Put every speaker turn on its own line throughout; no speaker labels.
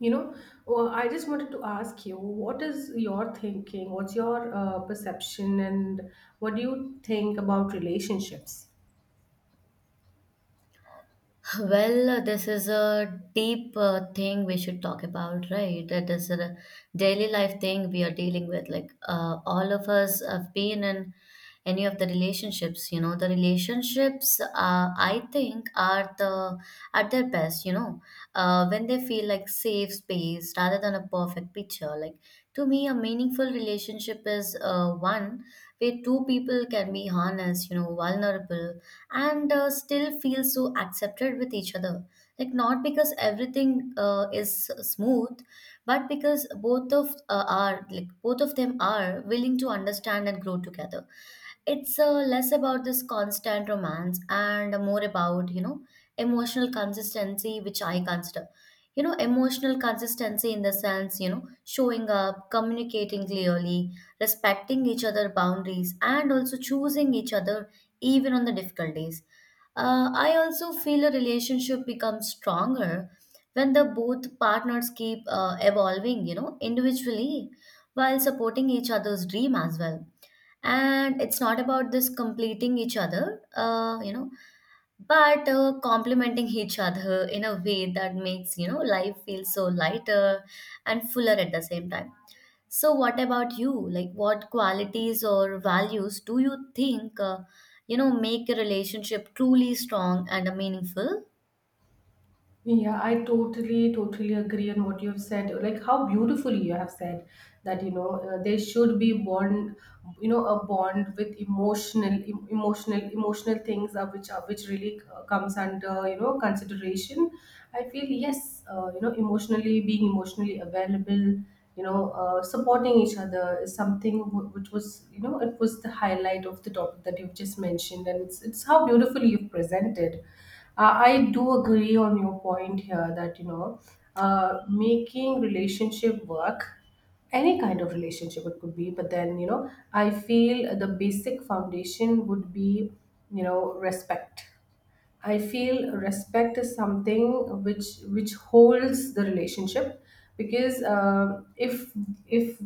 You know, I just wanted to ask you, what is your thinking? What's your perception, and what do you think about relationships?
Well, this is a deep thing we should talk about, right? That is a daily life thing we are dealing with. Like, all of us have been in any of the relationships, the relationships, I think, are the at their best, when they feel like safe space rather than a perfect picture. Like, to me, a meaningful relationship is one where two people can be honest, vulnerable and still feel so accepted with each other. Like, not because everything is smooth, but because both of them are willing to understand and grow together. It's less about this constant romance and more about emotional consistency, which I consider, emotional consistency in the sense, showing up, communicating clearly, respecting each other boundaries, and also choosing each other even on the difficult days. I also feel a relationship becomes stronger when the both partners keep evolving, individually, while supporting each other's dream as well. And it's not about this completing each other, but complementing each other in a way that makes, life feel so lighter and fuller at the same time. So what about you? Like, what qualities or values do you think, make a relationship truly strong and meaningful?
Yeah, I totally agree on what you have said. Like how beautifully you have said that you know there should be bond, you know, a bond with emotional things are which really comes under you know consideration. I feel yes, you know, emotionally being emotionally available, you know, supporting each other is something which was you know it was the highlight of the topic that you've just mentioned, and it's how beautifully you've presented. I do agree on your point here that you know, making relationship work, any kind of relationship it could be, but then you know, I feel the basic foundation would be you know respect. I feel respect is something which holds the relationship because if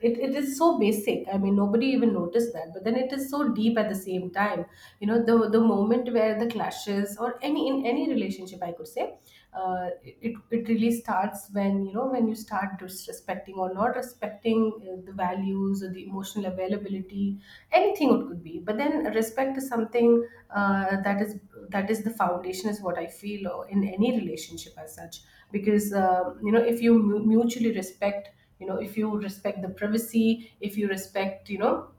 it, it is so basic. I mean nobody even noticed that, but then it is so deep at the same time. You know the moment where the clashes or any in any relationship, I could say, it really starts when you know when you start disrespecting or not respecting the values or the emotional availability, anything it could be, but then respect is something uh, that is that is the foundation is what I feel in any relationship as such. Because you know, if you mutually respect, you know if you respect the privacy, if you respect you know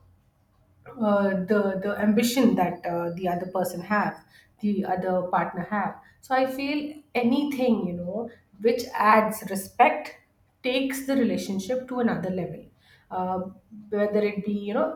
the ambition that the other person have, the other partner have, so I feel anything you know which adds respect takes the relationship to another level. uh, Whether it be you know,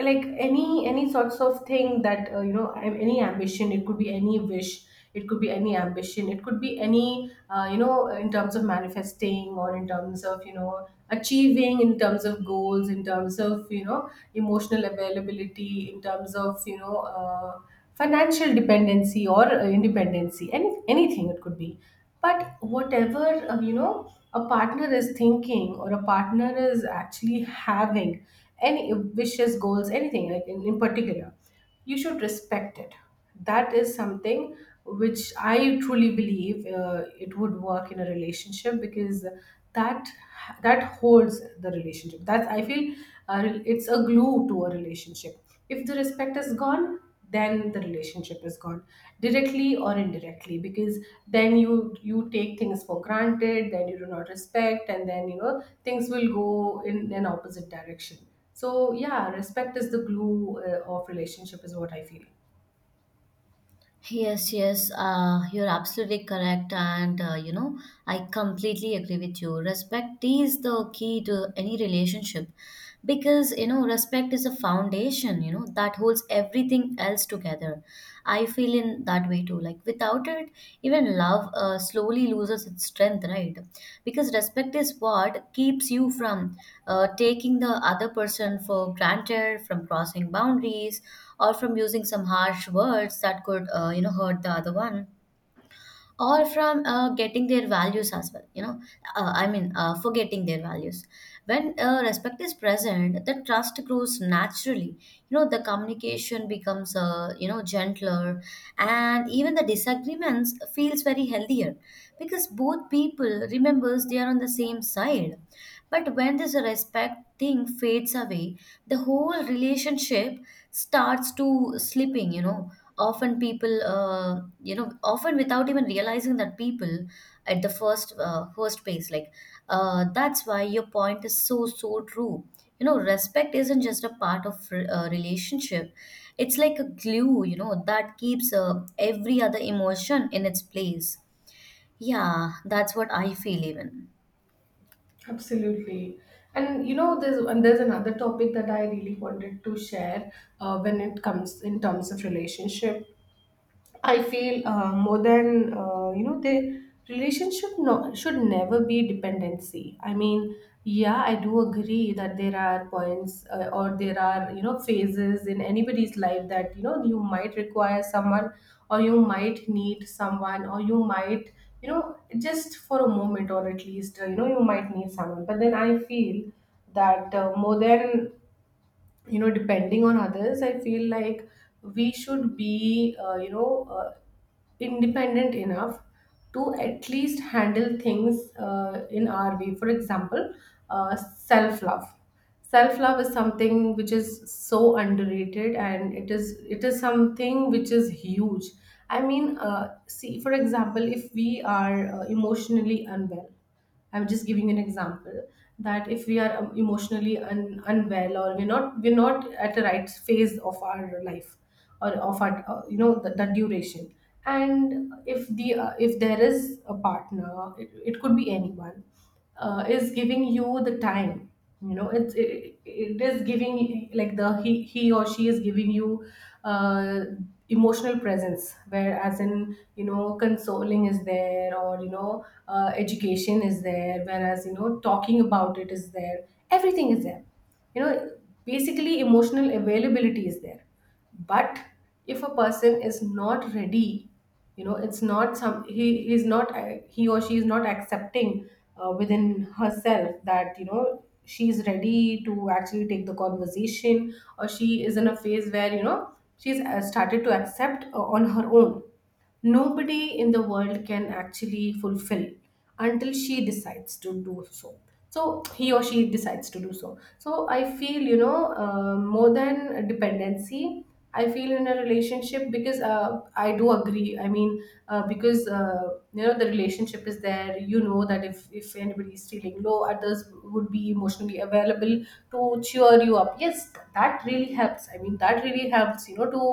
like any sorts of thing that you know, any ambition it could be, any wish it could be, any ambition it could be, any you know, in terms of manifesting or in terms of you know achieving, in terms of goals, in terms of you know emotional availability, in terms of you know financial dependency or independency, anything it could be, but whatever you know, a partner is thinking or a partner is actually having, any wishes, goals, anything like in particular, you should respect it. That is something which I truly believe it would work in a relationship, because that that holds the relationship, that's I feel, uh, it's a glue to a relationship. If the respect is gone, then the relationship is gone, directly or indirectly, because then you take things for granted, then you do not respect, and then you know things will go in an opposite direction. So yeah, respect is the glue of relationship is what I feel.
Yes, yes, you're absolutely correct. And, I completely agree with you. Respect is the key to any relationship because, respect is a foundation, that holds everything else together. I feel in that way too. Like, without it, even love slowly loses its strength, right? Because respect is what keeps you from taking the other person for granted, from crossing boundaries, or from using some harsh words that could, hurt the other one, or from getting their values as well, forgetting their values. When respect is present, the trust grows naturally. You know, the communication becomes, gentler, and even the disagreements feels very healthier because both people remembers they are on the same side. But when this respect thing fades away, the whole relationship starts to slipping. Often people, often without even realizing that people at the first place, like, that's why your point is so so true. You know, respect isn't just a part of relationship; it's like a glue, that keeps every other emotion in its place. Yeah, that's what I feel even.
Absolutely. And you know, there's another topic that I really wanted to share when it comes in terms of relationship. I feel more than you know the relationship no, should never be dependency. I mean, yeah, I do agree that there are points or there are you know phases in anybody's life that you know you might require someone, or you might need someone, or you might you know just for a moment, or at least you know you might need someone. But then I feel that more than you know depending on others, I feel like we should be independent enough to at least handle things in our way. For example, self love. Self love is something which is so underrated, and it is something which is huge. I mean see, for example, if we are emotionally unwell, I'm just giving an example, that if we are unwell, or we're not at the right phase of our life, or of our you know the duration, and if the if there is a partner, it could be anyone, is giving you the time, you know it is giving like the he or she is giving you uh, emotional presence, where as in you know consoling is there, or you know education is there, whereas you know talking about it is there, everything is there, you know, basically emotional availability is there. But if a person is not ready, you know it's not some he or she is not accepting within herself, that you know she's ready to actually take the conversation, or she is in a phase where you know she's started to accept on her own. Nobody in the world can actually fulfill until she decides to do so, so he or she decides to do so. So I feel you know, more than dependency, I feel in a relationship, because I do agree, I mean because you know the relationship is there, you know, that if anybody is feeling low, at others would be emotionally available to cheer you up, yes, that really helps. I mean, that really helps you know to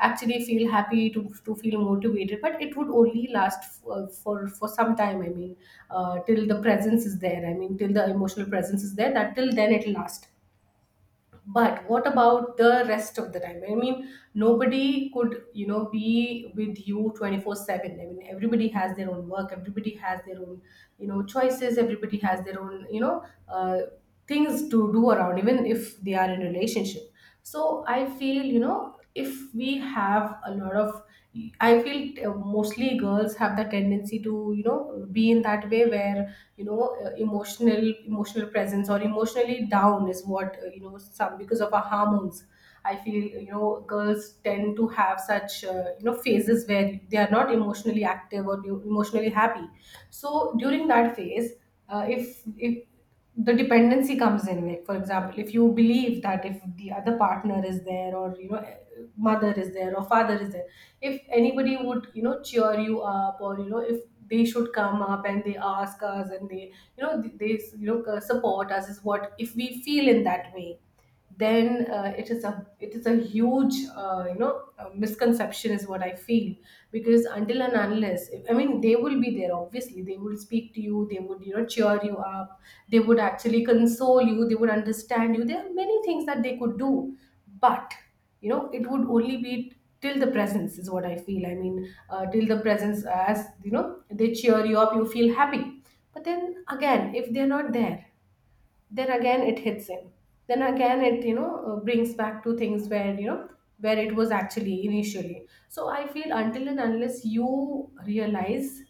actually feel happy, to feel motivated, but it would only last for for some time. I mean till the presence is there, I mean till the emotional presence is there, that till then it'll last. But what about the rest of the time? I mean nobody could you know be with you 24/7. I mean everybody has their own work, everybody has their own you know choices, everybody has their own you know things to do around, even if they are in relationship. So I feel you know, if we have a lot of, I feel mostly girls have the tendency to you know be in that way, where you know emotional presence or emotionally down is what you know, some, because of our hormones, I feel you know girls tend to have such you know phases where they are not emotionally active or emotionally happy. So during that phase, if the dependency comes in, like for example, if you believe that if the other partner is there, or you know mother is there or father is there, if anybody would you know cheer you up, or you know if they should come up and they ask us and they you know support us is what, if we feel in that way, then it is a huge misconception is what I feel, because until and unless, I mean they will be there obviously, they will speak to you, they would you know cheer you up, they would actually console you, they would understand you, there are many things that they could do. But you know, it would only be till the presence is what I feel. I mean till the presence, as you know they cheer you up, you feel happy. But then again, if they're not there, then again it hits in, then again it you know brings back to things where you know where it was actually initially. So I feel until and unless you realize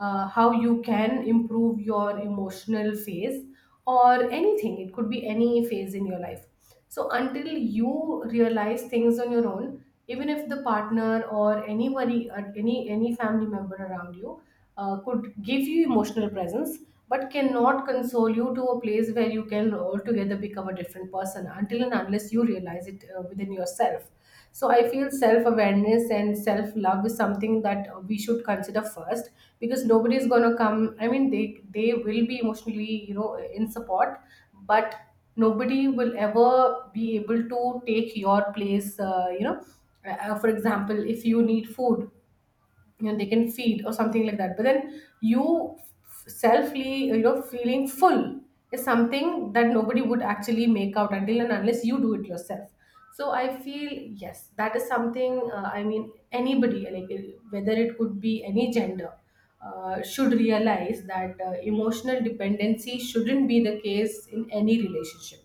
how you can improve your emotional phase, or anything it could be, any phase in your life, so until you realize things on your own, even if the partner or anybody, or any family member around you, could give you emotional presence, but cannot console you to a place where you can altogether become a different person. Until and unless you realize it within yourself. So I feel self awareness and self love is something that we should consider first, because nobody is gonna come. I mean, they will be emotionally, you know, in support, but nobody will ever be able to take your place. For example, if you need food, you know they can feed or something like that, but then you selfly, you know, feeling full is something that nobody would actually make out until and unless you do it yourself. So I feel yes, that is something, I mean anybody, like whether it could be any gender, should realize that emotional dependency shouldn't be the case in any relationship.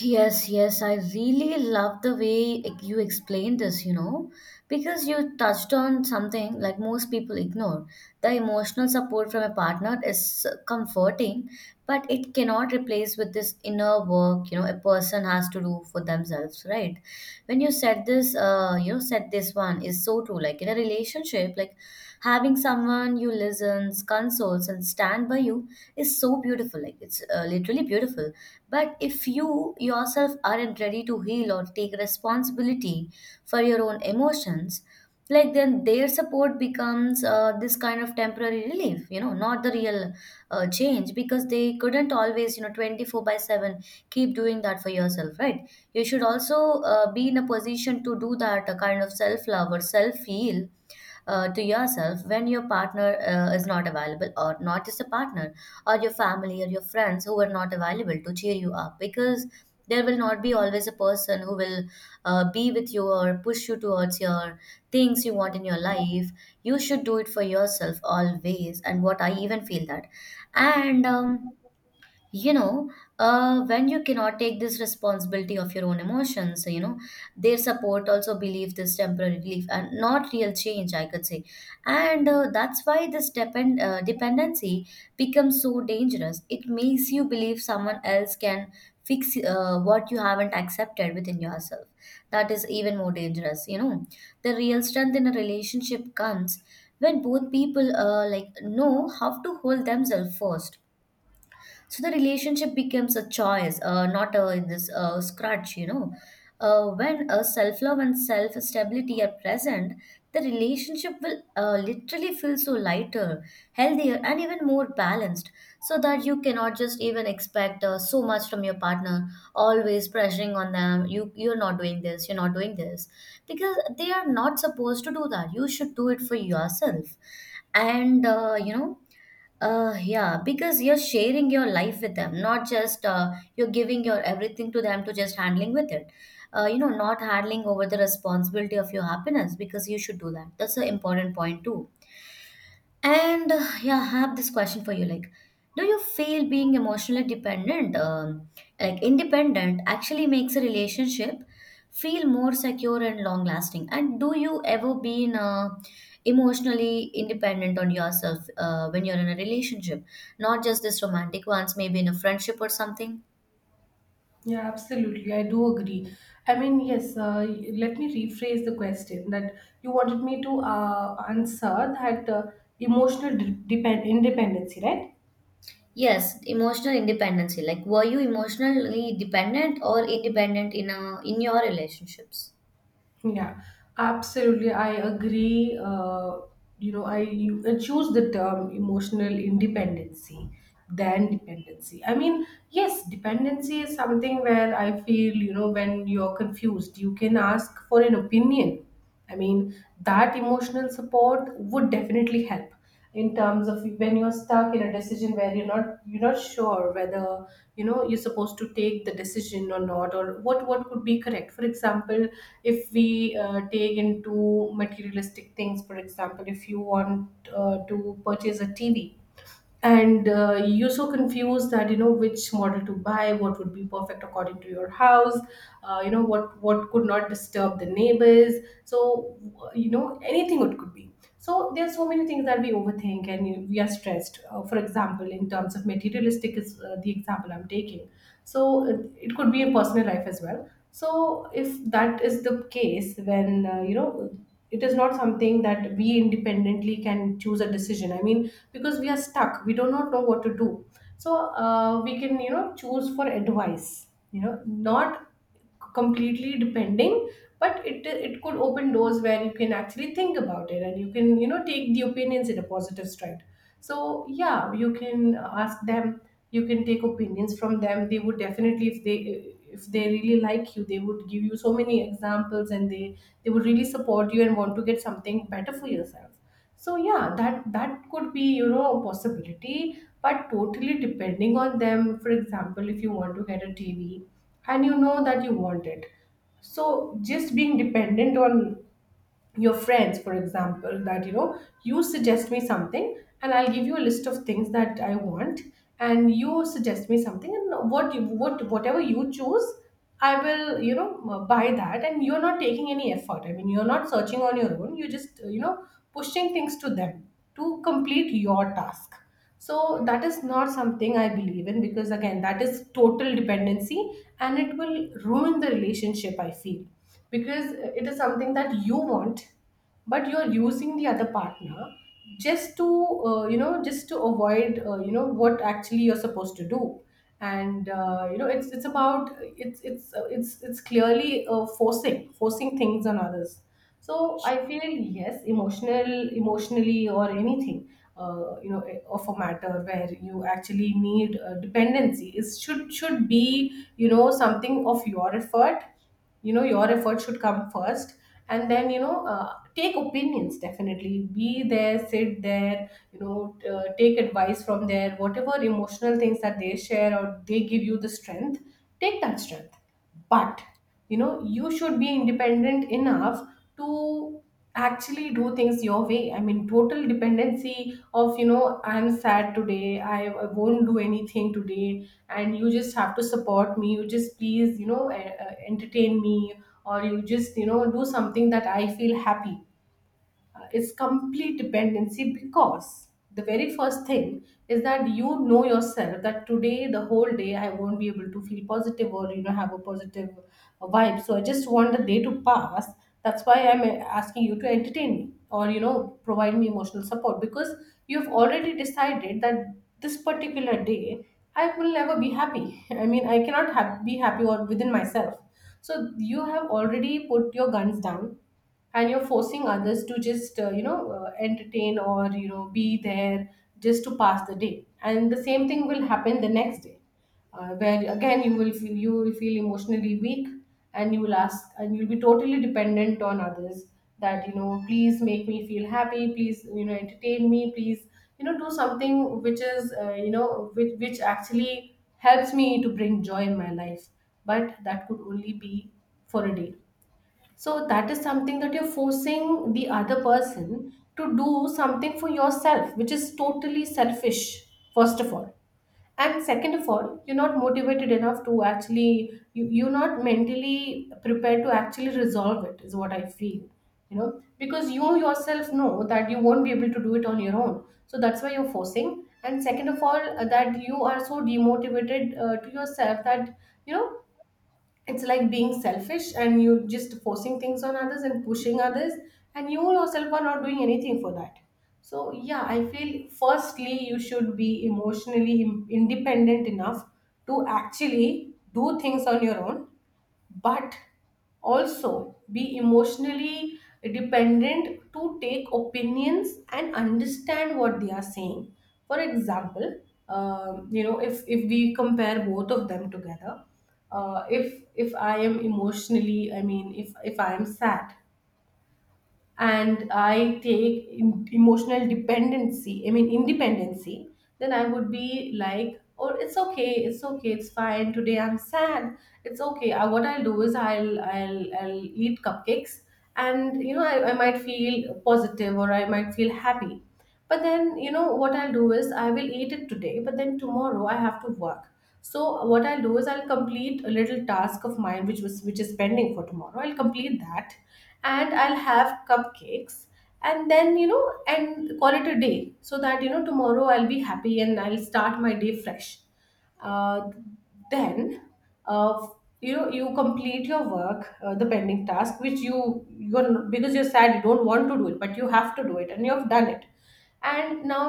Yes, yes, I really love the way you explained this, because you touched on something like most people ignore. The emotional support from a partner is comforting, but it cannot replace with this inner work, a person has to do for themselves, right? When you said this, said this one is so true. Like, in a relationship, like, having someone you listens, consoles, and stand by you is so beautiful. Like, it's literally beautiful. But if you yourself aren't ready to heal or take responsibility for your own emotions, like, then their support becomes this kind of temporary relief, not the real change, because they couldn't always, 24 by 7 keep doing that for yourself, right? You should also be in a position to do that kind of self love or self heal to yourself when your partner is not available, or not just a partner, or your family or your friends who are not available to cheer you up, because there will not be always a person who will be with you or push you towards your things you want in your life. You should do it for yourself always, and what I even feel that. And you know when you cannot take this responsibility of your own emotions, their support also believe this temporary relief and not real change, I could say. And that's why this dependency becomes so dangerous. It makes you believe someone else can fix what you haven't accepted within yourself. That is even more dangerous, you know. The real strength in a relationship comes when both people, like, know how to hold themselves first, so the relationship becomes a choice, not a, this scratch, you know. When self love and self stability are present, the relationship will literally feel so lighter, healthier, and even more balanced. So that you cannot just even expect so much from your partner, always pressuring on them. You're not doing this. You're not doing this because they are not supposed to do that. You should do it for yourself. And yeah, because you're sharing your life with them, not just you're giving your everything to them to just handling with it. Not handling over the responsibility of your happiness, because you should do that. That's an important point too. And yeah, I have this question for you. Like, do you feel being emotionally dependent, like, independent, actually makes a relationship feel more secure and long lasting? And do you ever been emotionally independent on yourself when you're in a relationship? Not just this romantic ones, maybe in a friendship or something?
Yeah, absolutely. I do agree. I mean, yes, let me rephrase the question that you wanted me to answer, that independency, right?
Yes, emotional independency. Like, were you emotionally dependent or independent in your relationships?
Yeah, absolutely. I agree. You know, I choose the term emotional independency than dependency. I mean, yes, dependency is something where I feel, you know, when you're confused, you can ask for an opinion. I mean, that emotional support would definitely help in terms of when you're stuck in a decision where you're not sure whether you know you're supposed to take the decision or not, or what could be correct. For example, if we take into materialistic things, for example, if you want to purchase a tv, and you're so confused that you know which model to buy, what would be perfect according to your house, you know, what could not disturb the neighbors. So you know, anything it could be. So there are so many things that we overthink and we are stressed, for example, in terms of materialistic is the example I'm taking. So it could be a personal life as well. So if that is the case, when you know, it is not something that we independently can choose a decision. I mean, because we are stuck, we do not know what to do. So we can, you know, choose for advice, you know, not completely depending, but it could open doors where you can actually think about it, and you can, you know, take the opinions in a positive stride. So yeah, you can ask them, you can take opinions from them. They would definitely, if they, if they really like you, they would give you so many examples, and they would really support you and want to get something better for yourself. So yeah, that could be, you know, a possibility. But totally depending on them, for example, if you want to get a tv, and you know that you want it, so just being dependent on your friends, for example, that you know, you suggest me something, and I'll give you a list of things that I want, and you suggest me something, and what you, what whatever you choose, I will, you know, buy that, and you're not taking any effort. I mean, you're not searching on your own, you're just, you know, pushing things to them to complete your task. So that is not something I believe in, because again, that is total dependency and it will ruin the relationship, I feel. Because it is something that you want, but you're using the other partner just to, you know, just to avoid, you know, what actually you're supposed to do. And you know, it's about it's it's clearly forcing things on others. So I feel, yes, emotional, emotionally or anything, you know, of a matter where you actually need dependency, it should be, you know, something of your effort. You know, your effort should come first, and then, you know, take opinions, definitely. Be there, sit there. You know, take advice from there. Whatever emotional things that they share, or they give you the strength, take that strength, but you know, you should be independent enough to actually do things your way. I mean, total dependency of, you know, I'm sad today, I won't do anything today, and you just have to support me, you just, please, you know, entertain me, or you just, you know, do something that I feel happy, is complete dependency. Because the very first thing is that you know yourself that today the whole day I won't be able to feel positive, or you know, have a positive vibe, so I just want the day to pass. That's why I'm asking you to entertain me, or you know, provide me emotional support, because you have already decided that this particular day I will never be happy. I mean, I cannot have, be happy or within myself. So you have already put your guns down, and you're forcing others to just you know, entertain or you know, be there, just to pass the day, and the same thing will happen the next day, where again you will feel emotionally weak, and you will ask, and you'll be totally dependent on others, that you know, please make me feel happy, please, you know, entertain me, please, you know, do something which is, you know, which actually helps me to bring joy in my life. But that could only be for a day. So that is something that you're forcing the other person to do something for yourself, which is totally selfish, first of all. And second of all, you're not motivated enough to actually, you're not mentally prepared to actually resolve it, is what I feel. You know, because you yourself know that you won't be able to do it on your own. So that's why you're forcing. And second of all, that you are so demotivated to yourself that, you know, it's like being selfish, and you just forcing things on others and pushing others, and you yourself are not doing anything for that. So yeah, I feel firstly you should be emotionally independent enough to actually do things on your own. But also be emotionally dependent to take opinions and understand what they are saying. For example, you know, if we compare both of them together, if I am emotionally, I mean, if I am sad, and I take emotional dependency, I mean, independency, then I would be like, oh, it's okay, it's okay, it's fine. Today I'm sad. It's okay. What I'll do is I'll eat cupcakes, and you know, I might feel positive, or I might feel happy. But then, you know, what I'll do is I will eat it today, but then tomorrow I have to work. So what I'll do is I'll complete a little task of mine which is pending for tomorrow. I'll complete that, and I'll have cupcakes, and then, you know, and call it a day, so that, you know, tomorrow I'll be happy and I'll start my day fresh. Uh, then, uh, you know, you complete your work, the pending task, which you you're because you're sad, you don't want to do it, but you have to do it, and you have done it. And now,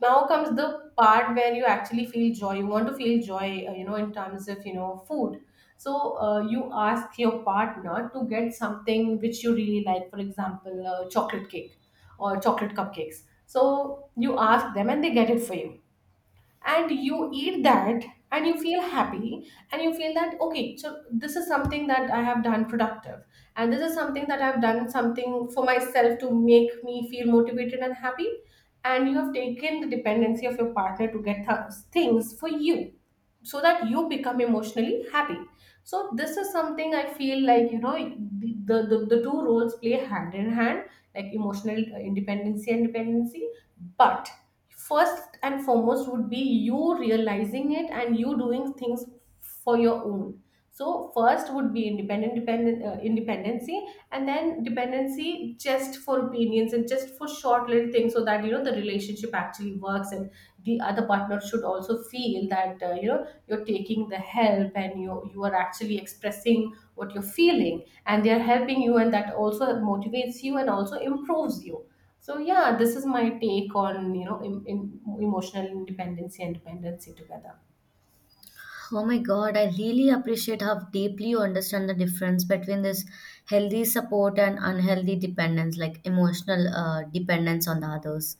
now comes the part where you actually feel joy. You want to feel joy, you know, in terms of, you know, food. So you ask your partner to get something which you really like, for example, chocolate cake or chocolate cupcakes. So you ask them, and they get it for you, and you eat that, and you feel happy, and you feel that okay, so this is something that I have done productive, and this is something that I've done something for myself to make me feel motivated and happy, and you have taken the dependency of your partner to get things for you so that you become emotionally happy. So this is something I feel, like you know, the two roles play hand in hand, like emotional independency and dependency. But first and foremost would be you realizing it and you doing things for your own. So first would be independent dependent independency, and then dependency just for opinions and just for short little things, so that you know the relationship actually works, and the other partner should also feel that, you know, you're taking the help, and you are actually expressing what you're feeling, and they're helping you, and that also motivates you and also improves you. So yeah, this is my take on, you know, in emotional independency and dependency together.
Oh my God, I really appreciate how deeply you understand the difference between this healthy support and unhealthy dependence, like, emotional dependence on the others.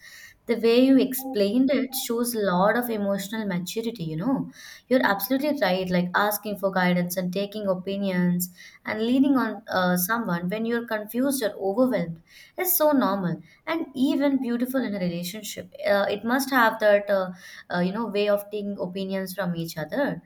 The way you explained it shows a lot of emotional maturity, you know. You're absolutely right, like, asking for guidance and taking opinions and leaning on someone when you're confused or overwhelmed is so normal and even beautiful in a relationship. It must have that, way of taking opinions from each other,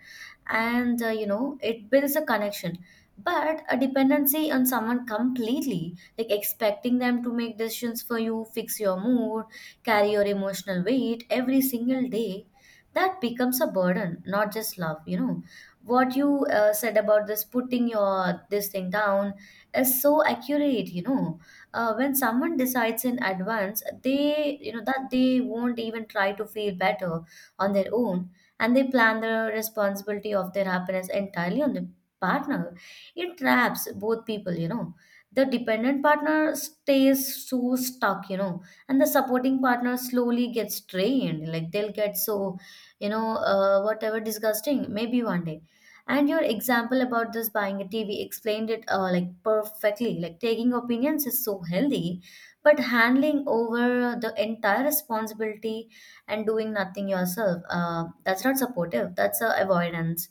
and it builds a connection. But a dependency on someone completely, like, expecting them to make decisions for you, fix your mood, carry your emotional weight every single day, that becomes a burden, not just love, you know. What you said about this putting your this thing down is so accurate, you know. When someone decides in advance, they that they won't even try to feel better on their own, and they plan the responsibility of their happiness entirely on the partner. It traps both people, you know. The dependent partner stays so stuck, you know, and the supporting partner slowly gets drained. Like, they'll get so, whatever disgusting, maybe one day. And your example about this buying a TV explained it like, perfectly. Like, taking opinions is so healthy, but handling over the entire responsibility and doing nothing yourself. That's not supportive, that's avoidance.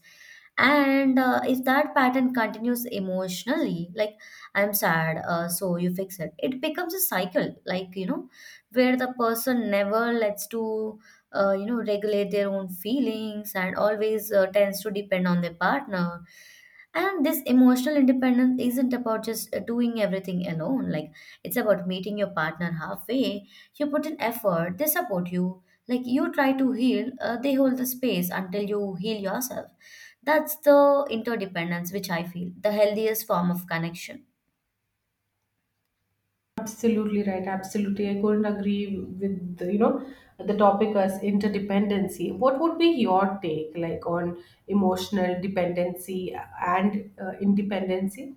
And if that pattern continues emotionally, like, I'm sad, so you fix it, it becomes a cycle, like, you know, where the person never lets to, regulate their own feelings, and always tends to depend on their partner. And this emotional independence isn't about just doing everything alone. Like, it's about meeting your partner halfway. You put in effort, they support you. Like, you try to heal, they hold the space until you heal yourself. That's the interdependence which I feel, the healthiest form of connection.
Absolutely right, absolutely, I couldn't agree with the, you know, the topic as interdependency. What would be your take, like, on emotional dependency and independency?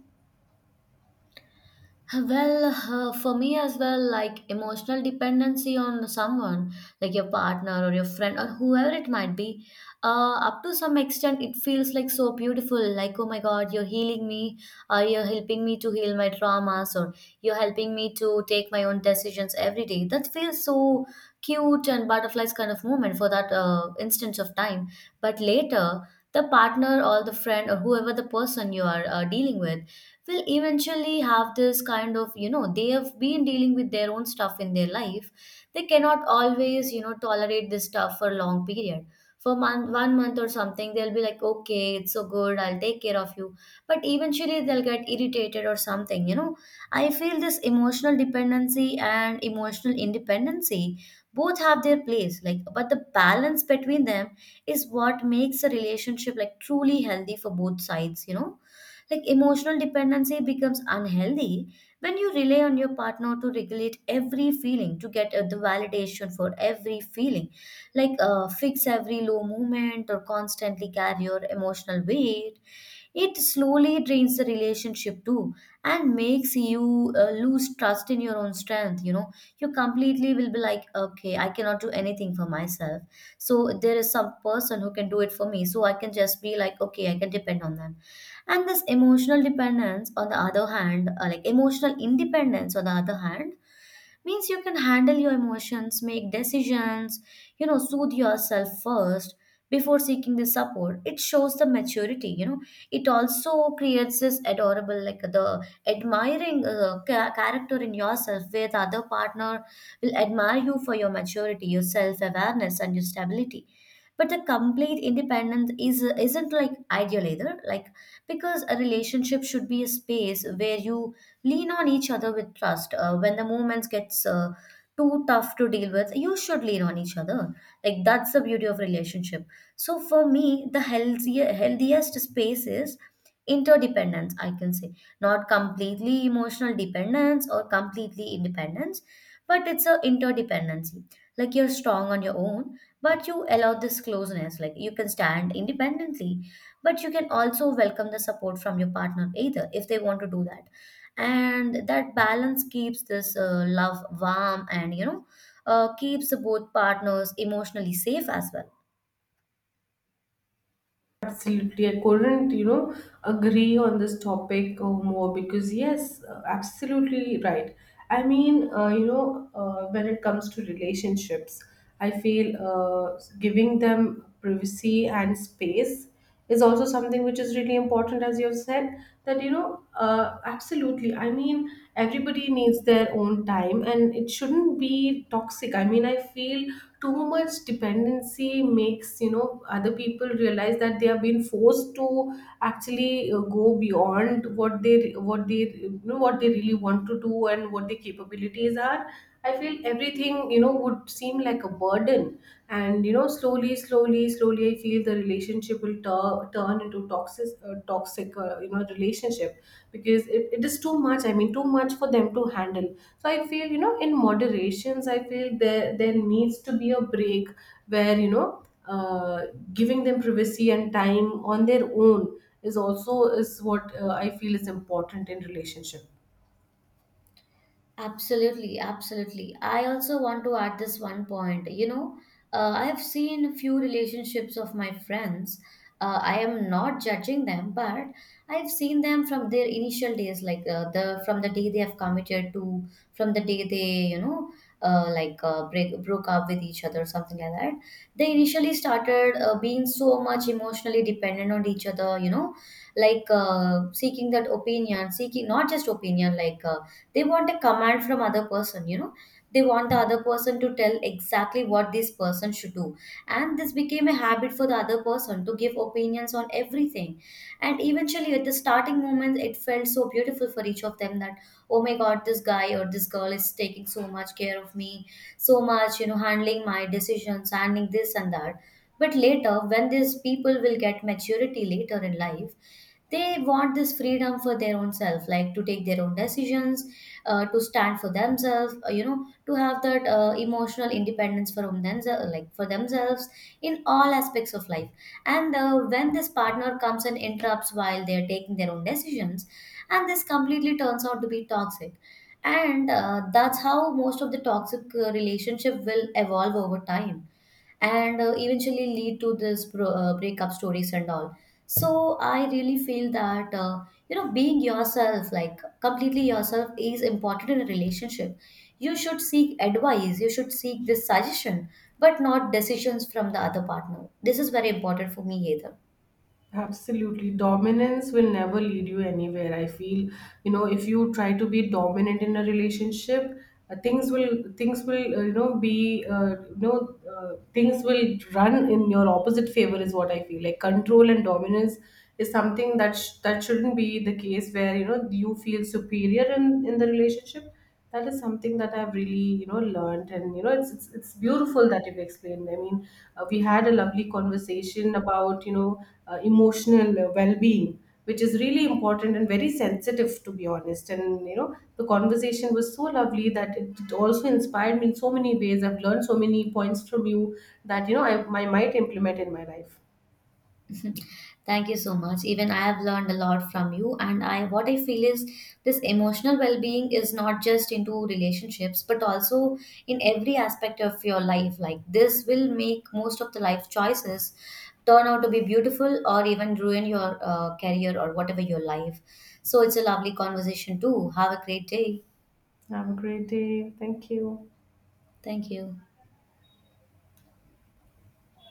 Well, for me as well, like, emotional dependency on someone, like, your partner or your friend or whoever it might be, up to some extent, it feels like so beautiful. Like, oh my God, you're healing me, or you're helping me to heal my traumas, or you're helping me to take my own decisions every day. That feels so cute and butterflies kind of moment for that instance of time. But later, the partner or the friend or whoever the person you are dealing with will eventually have this kind of, you know, they have been dealing with their own stuff in their life. They cannot always tolerate this stuff for a long period, for month, one month or something. They'll be like, okay, it's so good, I'll take care of you, but eventually they'll get irritated or something, you know. I feel this emotional dependency and emotional independency both have their place, like, but the balance between them is what makes a relationship, like, truly healthy for both sides, you know. Like, emotional dependency becomes unhealthy when you rely on your partner to regulate every feeling, to get the validation for every feeling, like, fix every low moment or constantly carry your emotional weight. It slowly drains the relationship too and makes you lose trust in your own strength. You know, you completely will be like, okay, I cannot do anything for myself. So there is some person who can do it for me. So I can just be like, okay, I can depend on them. And this emotional dependence on the other hand like emotional independence on the other hand means you can handle your emotions, make decisions, you know, soothe yourself first before seeking the support. It shows the maturity, you know. It also creates this adorable, like, the admiring character in yourself, where the other partner will admire you for your maturity, your self awareness and your stability. But the complete independence is isn't like ideal either, like, because a relationship should be a space where you lean on each other with trust. When the moments gets too tough to deal with, you should lean on each other. Like that's the beauty of relationship. So for me, the healthiest space is interdependence, I can say. Not completely emotional dependence or completely independence, but it's a interdependency. Like you're strong on your own, but you allow this closeness. Like you can stand independently, but you can also welcome the support from your partner either, if they want to do that. And that balance keeps this love warm, and, you know, keeps both partners emotionally safe as well.
Absolutely, I couldn't, you know, agree on this topic more, because yes, absolutely right. I mean, you know, when it comes to relationships, I feel giving them privacy and space is also something which is really important, as you have said. That, you know, absolutely. I mean, everybody needs their own time, and it shouldn't be toxic. I mean, I feel too much dependency makes, you know, other people realize that they have been forced to actually go beyond what they, you know, what they really want to do, and what their capabilities are. I feel everything, you know, would seem like a burden. And, you know, slowly, I feel the relationship will turn into toxic, you know, relationship, because it is too much. I mean, too much for them to handle. So I feel, you know, in moderations, I feel there needs to be a break where, you know, giving them privacy and time on their own is also is what I feel is important in relationship.
Absolutely, absolutely. I also want to add this one point. You know, I have seen a few relationships of my friends. I am not judging them, but I've seen them from their initial days, like, the from the day they have committed to, from the day they, you know, like break broke up with each other, something like that. They initially started being so much emotionally dependent on each other. You know, like, seeking that opinion, seeking not just opinion, like. They want a command from other person, you know, they want the other person to tell exactly what this person should do. And this became a habit for the other person to give opinions on everything. And eventually, at the starting moments, it felt so beautiful for each of them that, oh my god, this guy or this girl is taking so much care of me, so much, you know, handling my decisions, handling this and that. But later, when these people will get maturity later in life, they want this freedom for their own self, like to take their own decisions, to stand for themselves, you know, to have that emotional independence for themselves, like for themselves, in all aspects of life. And when this partner comes and interrupts while they are taking their own decisions, and this completely turns out to be toxic. And that's how most of the toxic relationship will evolve over time, and eventually lead to this breakup stories and all. So I really feel that, you know, being yourself, like completely yourself, is important in a relationship. You should seek advice, you should seek this suggestion, but not decisions from the other partner. This is very important for me either.
Absolutely. Dominance will never lead you anywhere. I feel, you know, if you try to be dominant in a relationship, things will you know, be you know, things will run in your opposite favor, is what I feel. Like control and dominance is something that that shouldn't be the case, where you know, you feel superior in the relationship. That is something that I've really, you know, learned, and you know, it's beautiful that you've explained. I mean, we had a lovely conversation about, you know, emotional well-being, which is really important and very sensitive, to be honest, and you know, the conversation was so lovely that it also inspired me in so many ways. I've learned so many points from you that, you know, I might implement in my life.
Thank you so much. Even I have learned a lot from you. And I, what I feel is this emotional well-being is not just into relationships, but also in every aspect of your life. Like this will make most of the life choices turn out to be beautiful or even ruin your career or whatever your life. So it's a lovely conversation too. Have a great day.
Have a great day. Thank you.
Thank you.